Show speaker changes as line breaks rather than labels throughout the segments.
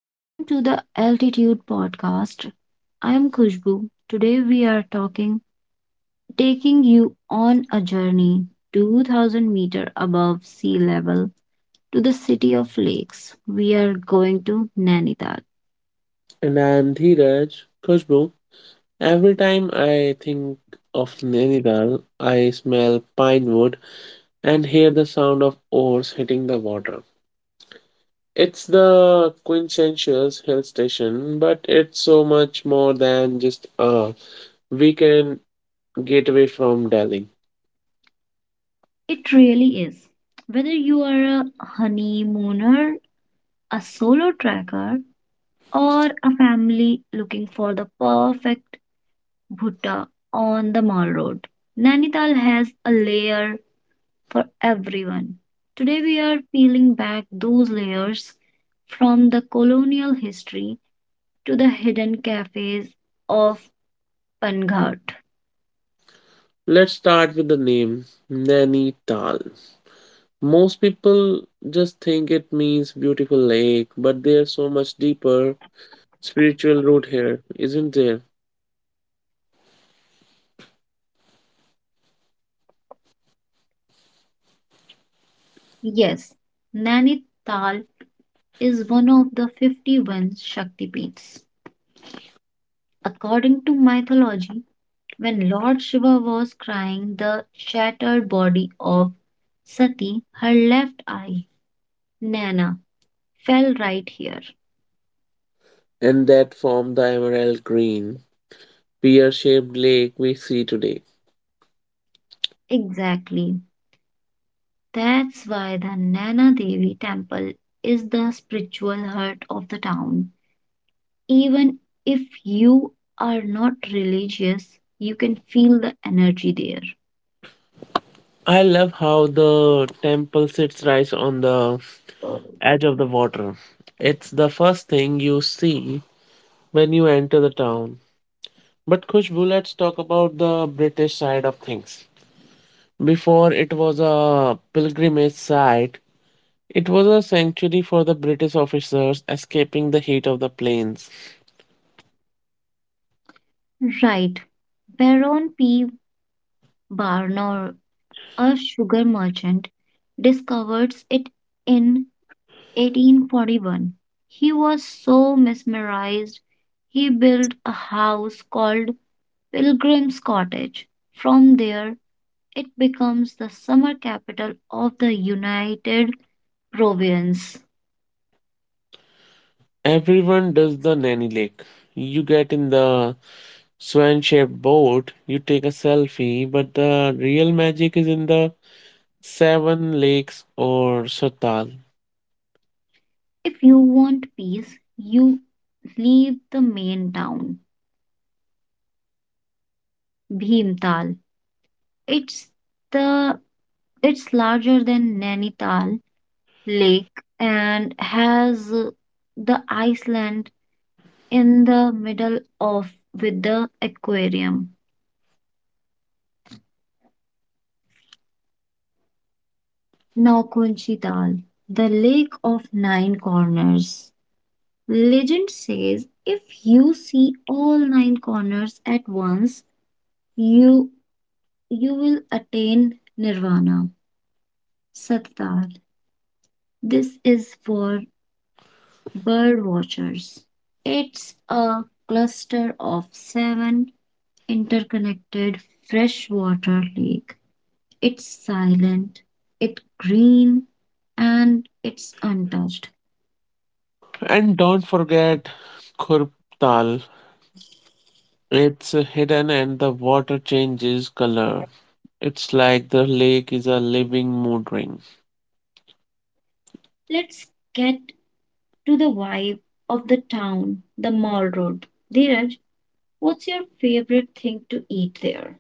Welcome to the Altitude Podcast. I am Khushbu. Today we are taking you on a journey 2,000 meter above sea level to the city of lakes. We are going to Nainidal.
And I'm Dheeraj Khushbu. Every time I think of Nainital, I smell pine wood and hear the sound of oars hitting the water. It's the quintessential hill station, but it's so much more than just a weekend getaway from Delhi.
It really is. Whether you are a honeymooner, a solo tracker, or a family looking for the perfect Bhutta on the Mall Road. Nainital has a layer for everyone. Today we are peeling back those layers from the colonial history to the hidden cafes of Panghat.
Let's start with the name Nainital. Most people just think it means beautiful lake, but there's so much deeper spiritual root here, isn't there?
Yes, Nainital is one of the 51 Shaktipeeths. According to mythology, when Lord Shiva was crying the shattered body of Sati, her left eye, Naina, fell right here.
And that form the emerald green, pear shaped lake we see today.
Exactly. That's why the Nana Devi temple is the spiritual heart of the town. Even if you are not religious, you can feel the energy there.
I love how the temple sits right on the edge of the water. It's the first thing you see when you enter the town. But Khushbu, let's talk about the British side of things. Before it was a pilgrimage site, it was a sanctuary for the British officers escaping the heat of the plains.
Right. Baron P. Barnor, a sugar merchant, discovered it in 1841. He was so mesmerized, he built a house called Pilgrim's Cottage. From there, it becomes the summer capital of the United Province.
Everyone does the Nanny Lake. You get in the swan shaped boat, you take a selfie, but the real magic is in the Seven Lakes or Satal.
If you want peace, you leave the main town, Bhimtal. It's the it's larger than Nainital Lake and has the Iceland in the middle of with the aquarium. Naukunchi Dal, the lake of nine corners. Legend says if you see all nine corners at once, you you will attain nirvana. Sattar. This is for bird watchers. It's a cluster of seven interconnected freshwater lake. It's silent, it's green, and it's untouched.
And don't forget Khurp Tal. It's hidden and the water changes color. It's like the lake is a living mood ring.
Let's get to the vibe of the town, the mall road. Dheeraj, what's your favorite thing to eat there?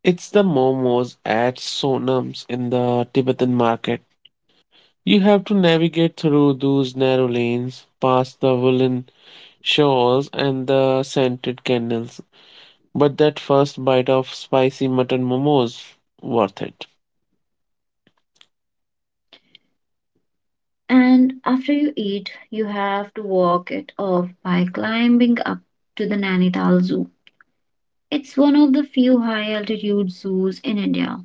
It's the momos at Sonam's in the Tibetan market. You have to navigate through those narrow lanes, past the woolen shawls and the scented candles. But that first bite of spicy mutton momos worth it.
And after you eat, you have to walk it off by climbing up to the Nainital Zoo. It's one of the few high altitude zoos in India.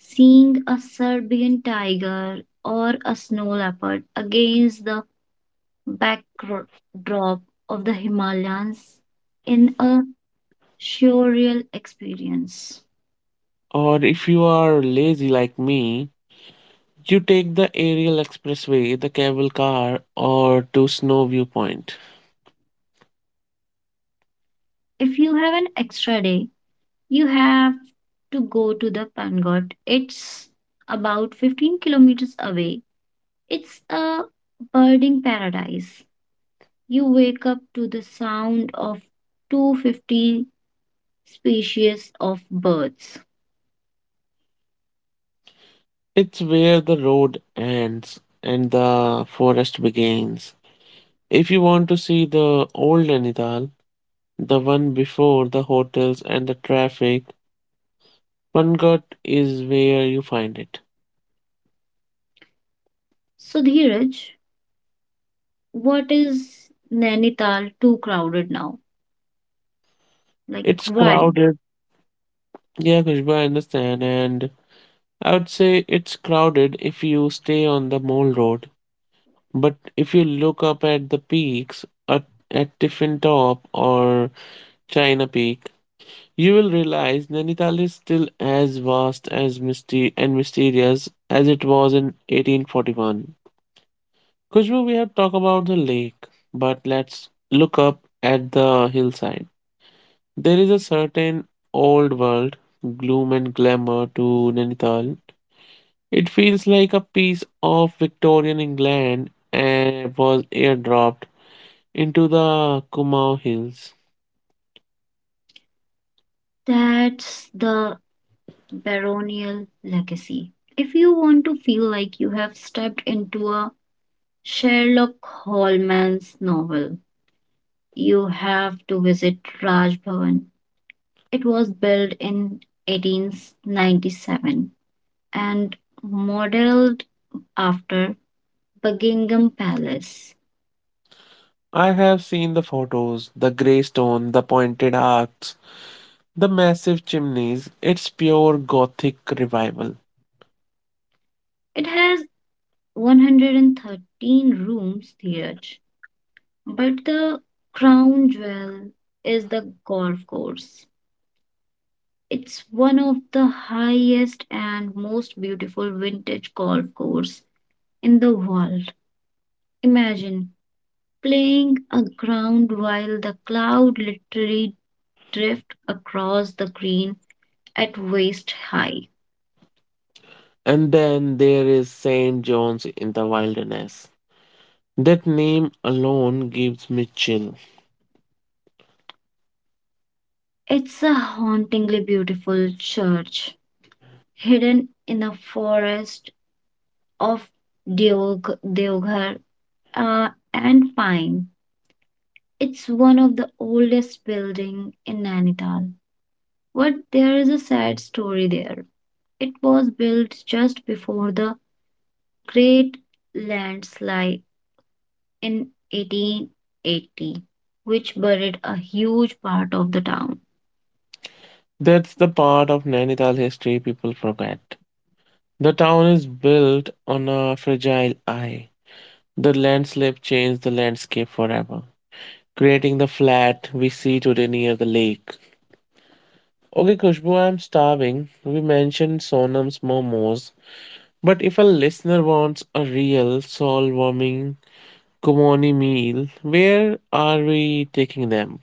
Seeing a Serbian tiger or a snow leopard against the backdrop of the Himalayas in a surreal experience.
Or if you are lazy like me, you take the aerial expressway, the cable car, or to Snow Viewpoint.
If you have an extra day, you have to go to the Pangot. It's about 15 kilometers away. It's a birding paradise. You wake up to the sound of 250 species of birds.
It's where the road ends and the forest begins. If you want to see the old Nainital, the one before the hotels and the traffic, Pangat is where you find it.
So, Dheeraj, what is Nainital too crowded now? Like,
It's
why?
crowded. Yeah, Khushbu, I understand. And I would say it's crowded if you stay on the Mole Road, but if you look up at the peaks at Tiffin Top or China Peak, you will realize Nainital is still as vast as misty and mysterious as it was in 1841. Khushbu, we have talked about the lake, but let's look up at the hillside. There is a certain old world gloom and glamour to Nainital. It feels like a piece of Victorian England and was airdropped into the Kumau Hills.
That's the baronial legacy. If you want to feel like you have stepped into a Sherlock Holmes' novel, you have to visit Raj Bhavan. It was built in 1897 and modeled after Buckingham Palace.
I have seen the photos, the grey stone, the pointed arcs, the massive chimneys. It's pure Gothic revival.
It has 113 rooms theatre, but the crown jewel is the golf course. It's one of the highest and most beautiful vintage golf course in the world. Imagine playing a ground while the cloud literally drift across the green at waist high.
And then there is St. John's in the wilderness. That name alone gives me chill.
It's a hauntingly beautiful church, hidden in a forest of deoghar and pine. It's one of the oldest buildings in Nainital, but there is a sad story there. It was built just before the Great landslide in 1880, which buried a huge part of the town.
That's the part of Nainital history people forget. The town is built on a fragile eye. The landslip changed the landscape forever, creating the flat we see today near the lake. Okay, Kushbu, I'm starving. We mentioned Sonam's momos, but if a listener wants a real soul-warming Kumoni meal, where are we taking them?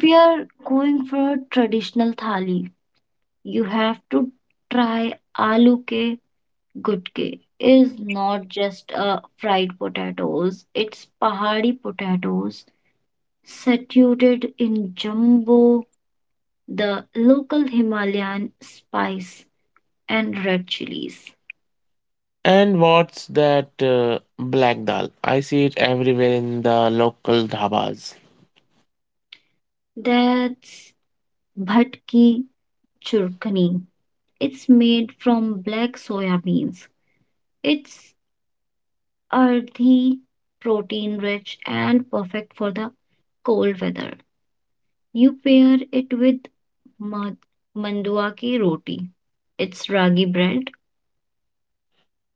We are going for a traditional thali. You have to try aloo ke gutke. Is not just fried potatoes. It's pahadi potatoes saturated in jumbo, the local Himalayan spice and red chilies.
And what's that black dal? I see it everywhere in the local dhabas.
That's bhat ki churkani. It's made from black soya beans. It's earthy, protein rich, and perfect for the cold weather. You pair it with ma- mandua ki roti. It's ragi bread.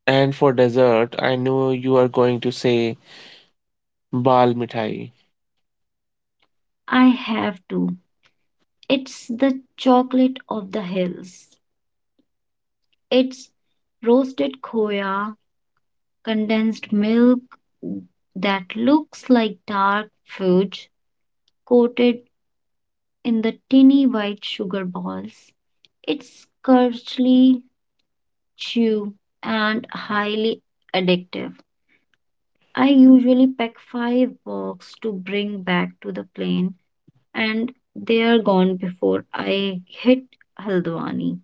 And for dessert, I know you are going to say bal mithai.
I have to. It's the chocolate of the hills. It's roasted khoya, condensed milk that looks like dark fudge coated in the tiny white sugar balls. It's curly, chew, and highly addictive. I usually pack five boxes to bring back to the plane, and they are gone before I hit Haldwani.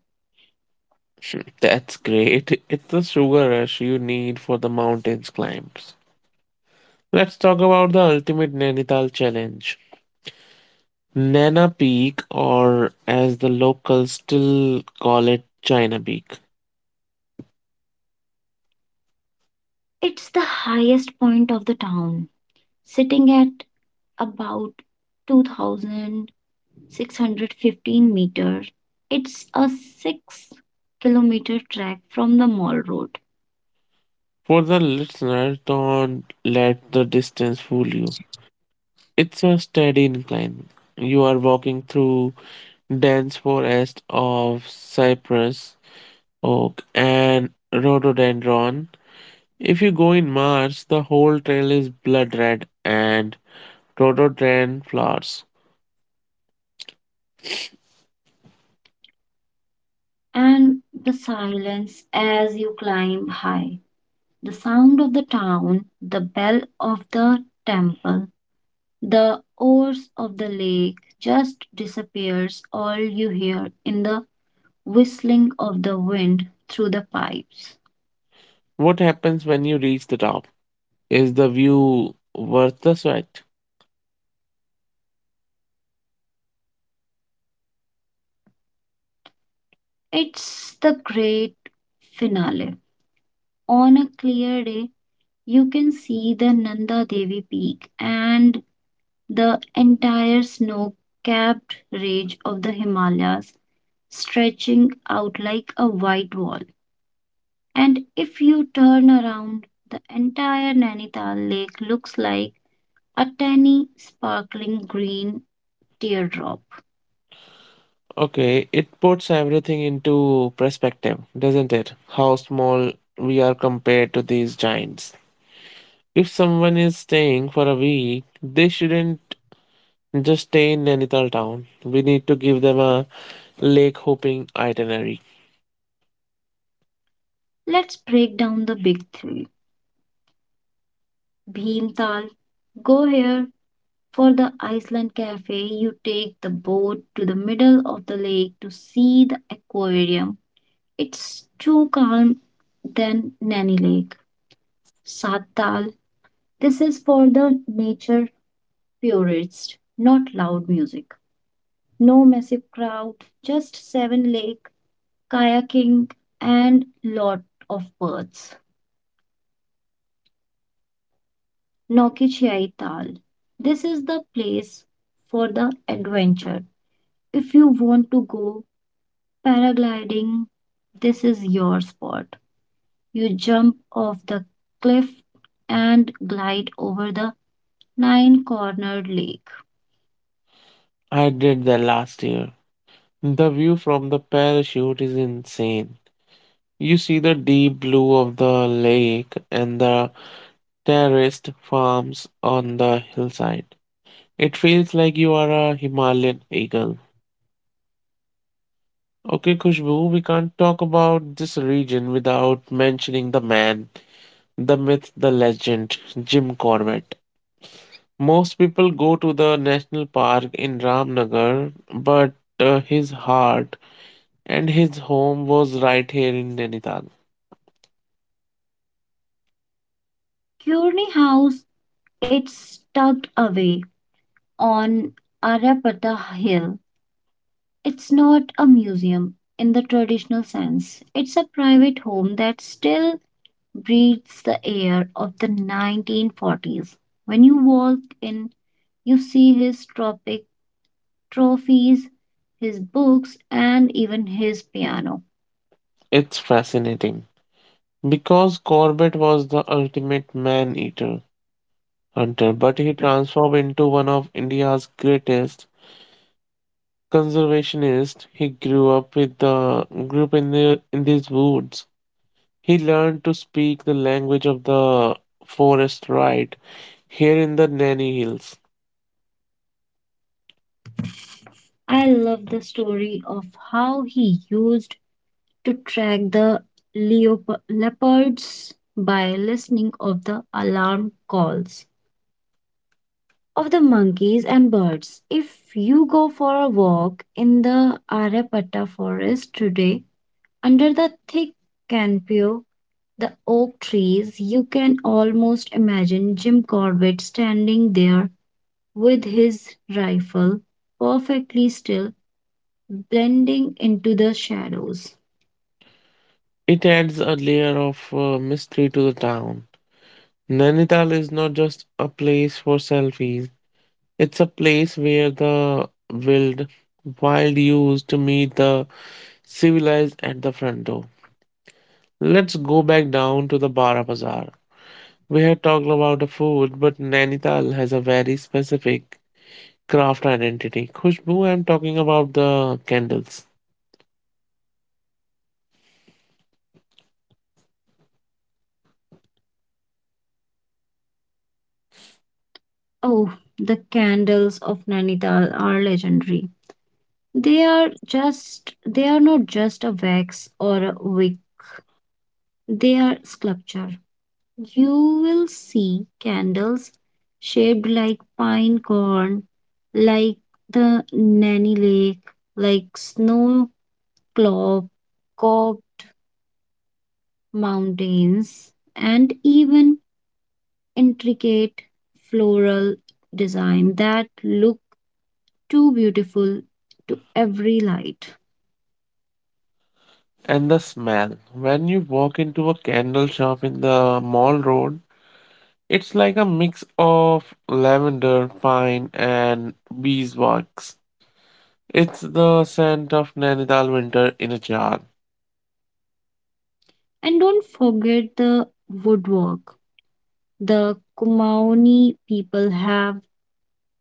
That's great. It's the sugar rush you need for the mountains climbs. Let's talk about the ultimate Nainital challenge. Nana Peak, or as the locals still call it, China Peak.
It's the highest point of the town, sitting at about 2615 meters. It's a 6-kilometer trek from the mall road,
For the listeners, don't let the distance fool you. It's a steady incline. You are walking through dense forest of cypress, oak, and rhododendron. If you go in March, the whole trail is blood red and rhododendron flowers.
and the silence as you climb high. The sound of the town, the bell of the temple, the oars of the lake just disappears. All you hear in the whistling of the wind through the pipes.
What happens when you reach the top? Is the view worth the sweat?
It's the great finale. On a clear day, you can see the Nanda Devi peak and the entire snow capped range of the Himalayas stretching out like a white wall. And if you turn around, the entire Nainital lake looks like a tiny, sparkling green teardrop.
Okay, it puts everything into perspective, doesn't it? How small we are compared to these giants. If someone is staying for a week, they shouldn't just stay in Nainital town. We need to give them a lake hopping itinerary.
Let's break down the big three. Bhimtal, go here for the Iceland Cafe. You take the boat to the middle of the lake to see the aquarium. It's too calm than Nanny Lake. Sattal, this is for the nature purists, not loud music. No massive crowd, just seven lake, kayaking, and lot of birds. Nokichai Tal. This is the place for the adventure. If you want to go paragliding, this is your spot. You jump off the cliff and glide over the nine cornered lake.
I did that last year. The view from the parachute is insane. You see the deep blue of the lake and the terraced farms on the hillside. It feels like you are a Himalayan eagle. Okay, Khushbu, we can't talk about this region without mentioning the man, the myth, the legend, Jim Corbett. Most people go to the national park in Ramnagar, but his heart and his home was right here in Nainital.
Kearney House, it's tucked away on Arapata Hill. It's not a museum in the traditional sense. It's a private home that still breathes the air of the 1940s. When you walk in, you see his tropic trophies, his books, and even his piano.
It's fascinating because Corbett was the ultimate man eater hunter, but he transformed into one of India's greatest conservationists. He grew up with the group in these woods. He learned to speak the language of the forest right here in the Nanny Hills.
I love the story of how he used to track the leopards by listening of the alarm calls of the monkeys and birds. If you go for a walk in the Aryapata forest today, under the thick canopy of the oak trees, you can almost imagine Jim Corbett standing there with his rifle perfectly still, blending into the shadows.
It adds a layer of mystery to the town. Nainital is not just a place for selfies. It's a place where the wild used to meet the civilized at the front door. Let's go back down to the Bara Bazaar. We had talked about the food, but Nainital has a very specific craft identity. Khushbu, I'm talking about the candles.
Oh, the candles of Nainital are legendary. They are not just a wax or a wick, they are sculpture. You will see candles shaped like pine cone, like the Nanny Lake, like snow cloud, cob mountains, and even intricate floral design that look too beautiful to every light.
And the smell, when you walk into a candle shop in the mall road, it's like a mix of lavender, pine, and beeswax. It's the scent of Nainital winter in a jar.
And don't forget the woodwork. The Kumaoni people have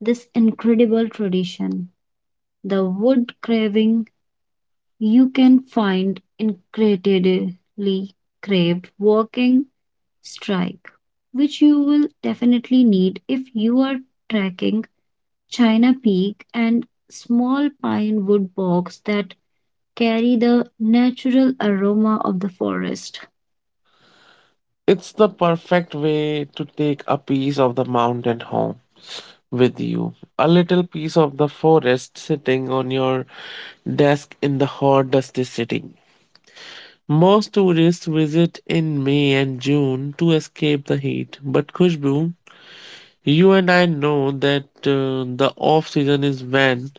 this incredible tradition. The wood carving you can find incredibly craved walking strike, which you will definitely need if you are trekking. China Peak and small pine wood box that carry the natural aroma of the forest.
It's the perfect way to take a piece of the mountain home with you. A little piece of the forest sitting on your desk in the hot, dusty city. Most tourists visit in May and June to escape the heat, but Khushbu, you and I know that the off season is when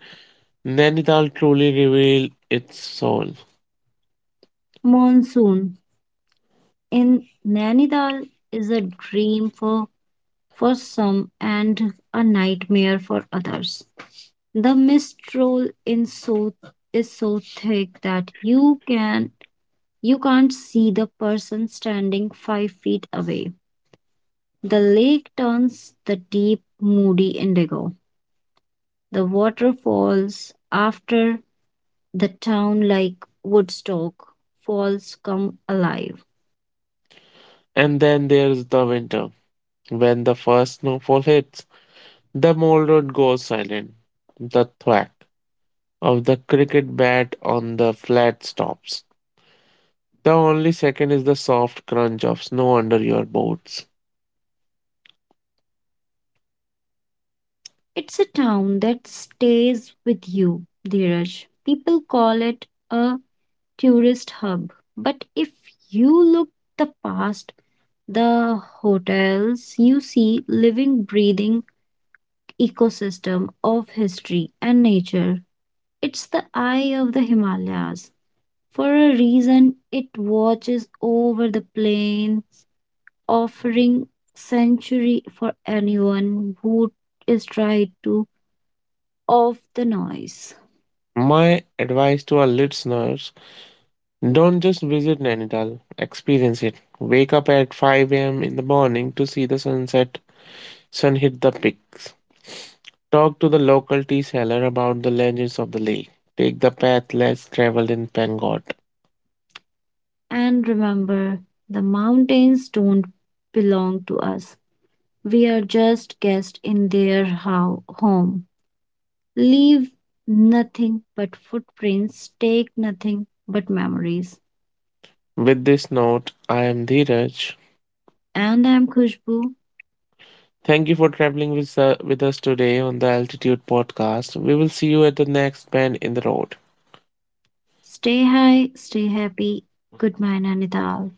Nainital truly reveals its soul.
Monsoon in Nainital is a dream for some and a nightmare for others. The mistral in so is so thick that you can't see the person standing 5 feet away. The lake turns the deep moody indigo. The water falls after the town like Woodstock falls come alive.
And then there is the winter. When the first snowfall hits, the mole road goes silent. The thwack of the cricket bat on the flat stops. The only second is the soft crunch of snow under your boots.
It's a town that stays with you, Dheeraj. People call it a tourist hub. But if you look the past, the hotels, you see living, breathing ecosystem of history and nature. It's the eye of the Himalayas. For a reason, it watches over the plains, offering sanctuary for anyone who is tried to off the noise.
My advice to our listeners, don't just visit Nainital, experience it. Wake up at 5 a.m. in the morning to see the sunset, sun hit the peaks. Talk to the local tea seller about the legends of the lake. Take the path less traveled in Pengot.
And remember, the mountains don't belong to us. We are just guests in their home. Leave nothing but footprints, take nothing but memories.
With this note, I am Dheeraj.
And I'm Khushbu.
Thank you for traveling with us today on the Altitude Podcast. We will see you at the next bend in the road.
Stay high, stay happy. Goodbye, Nainital.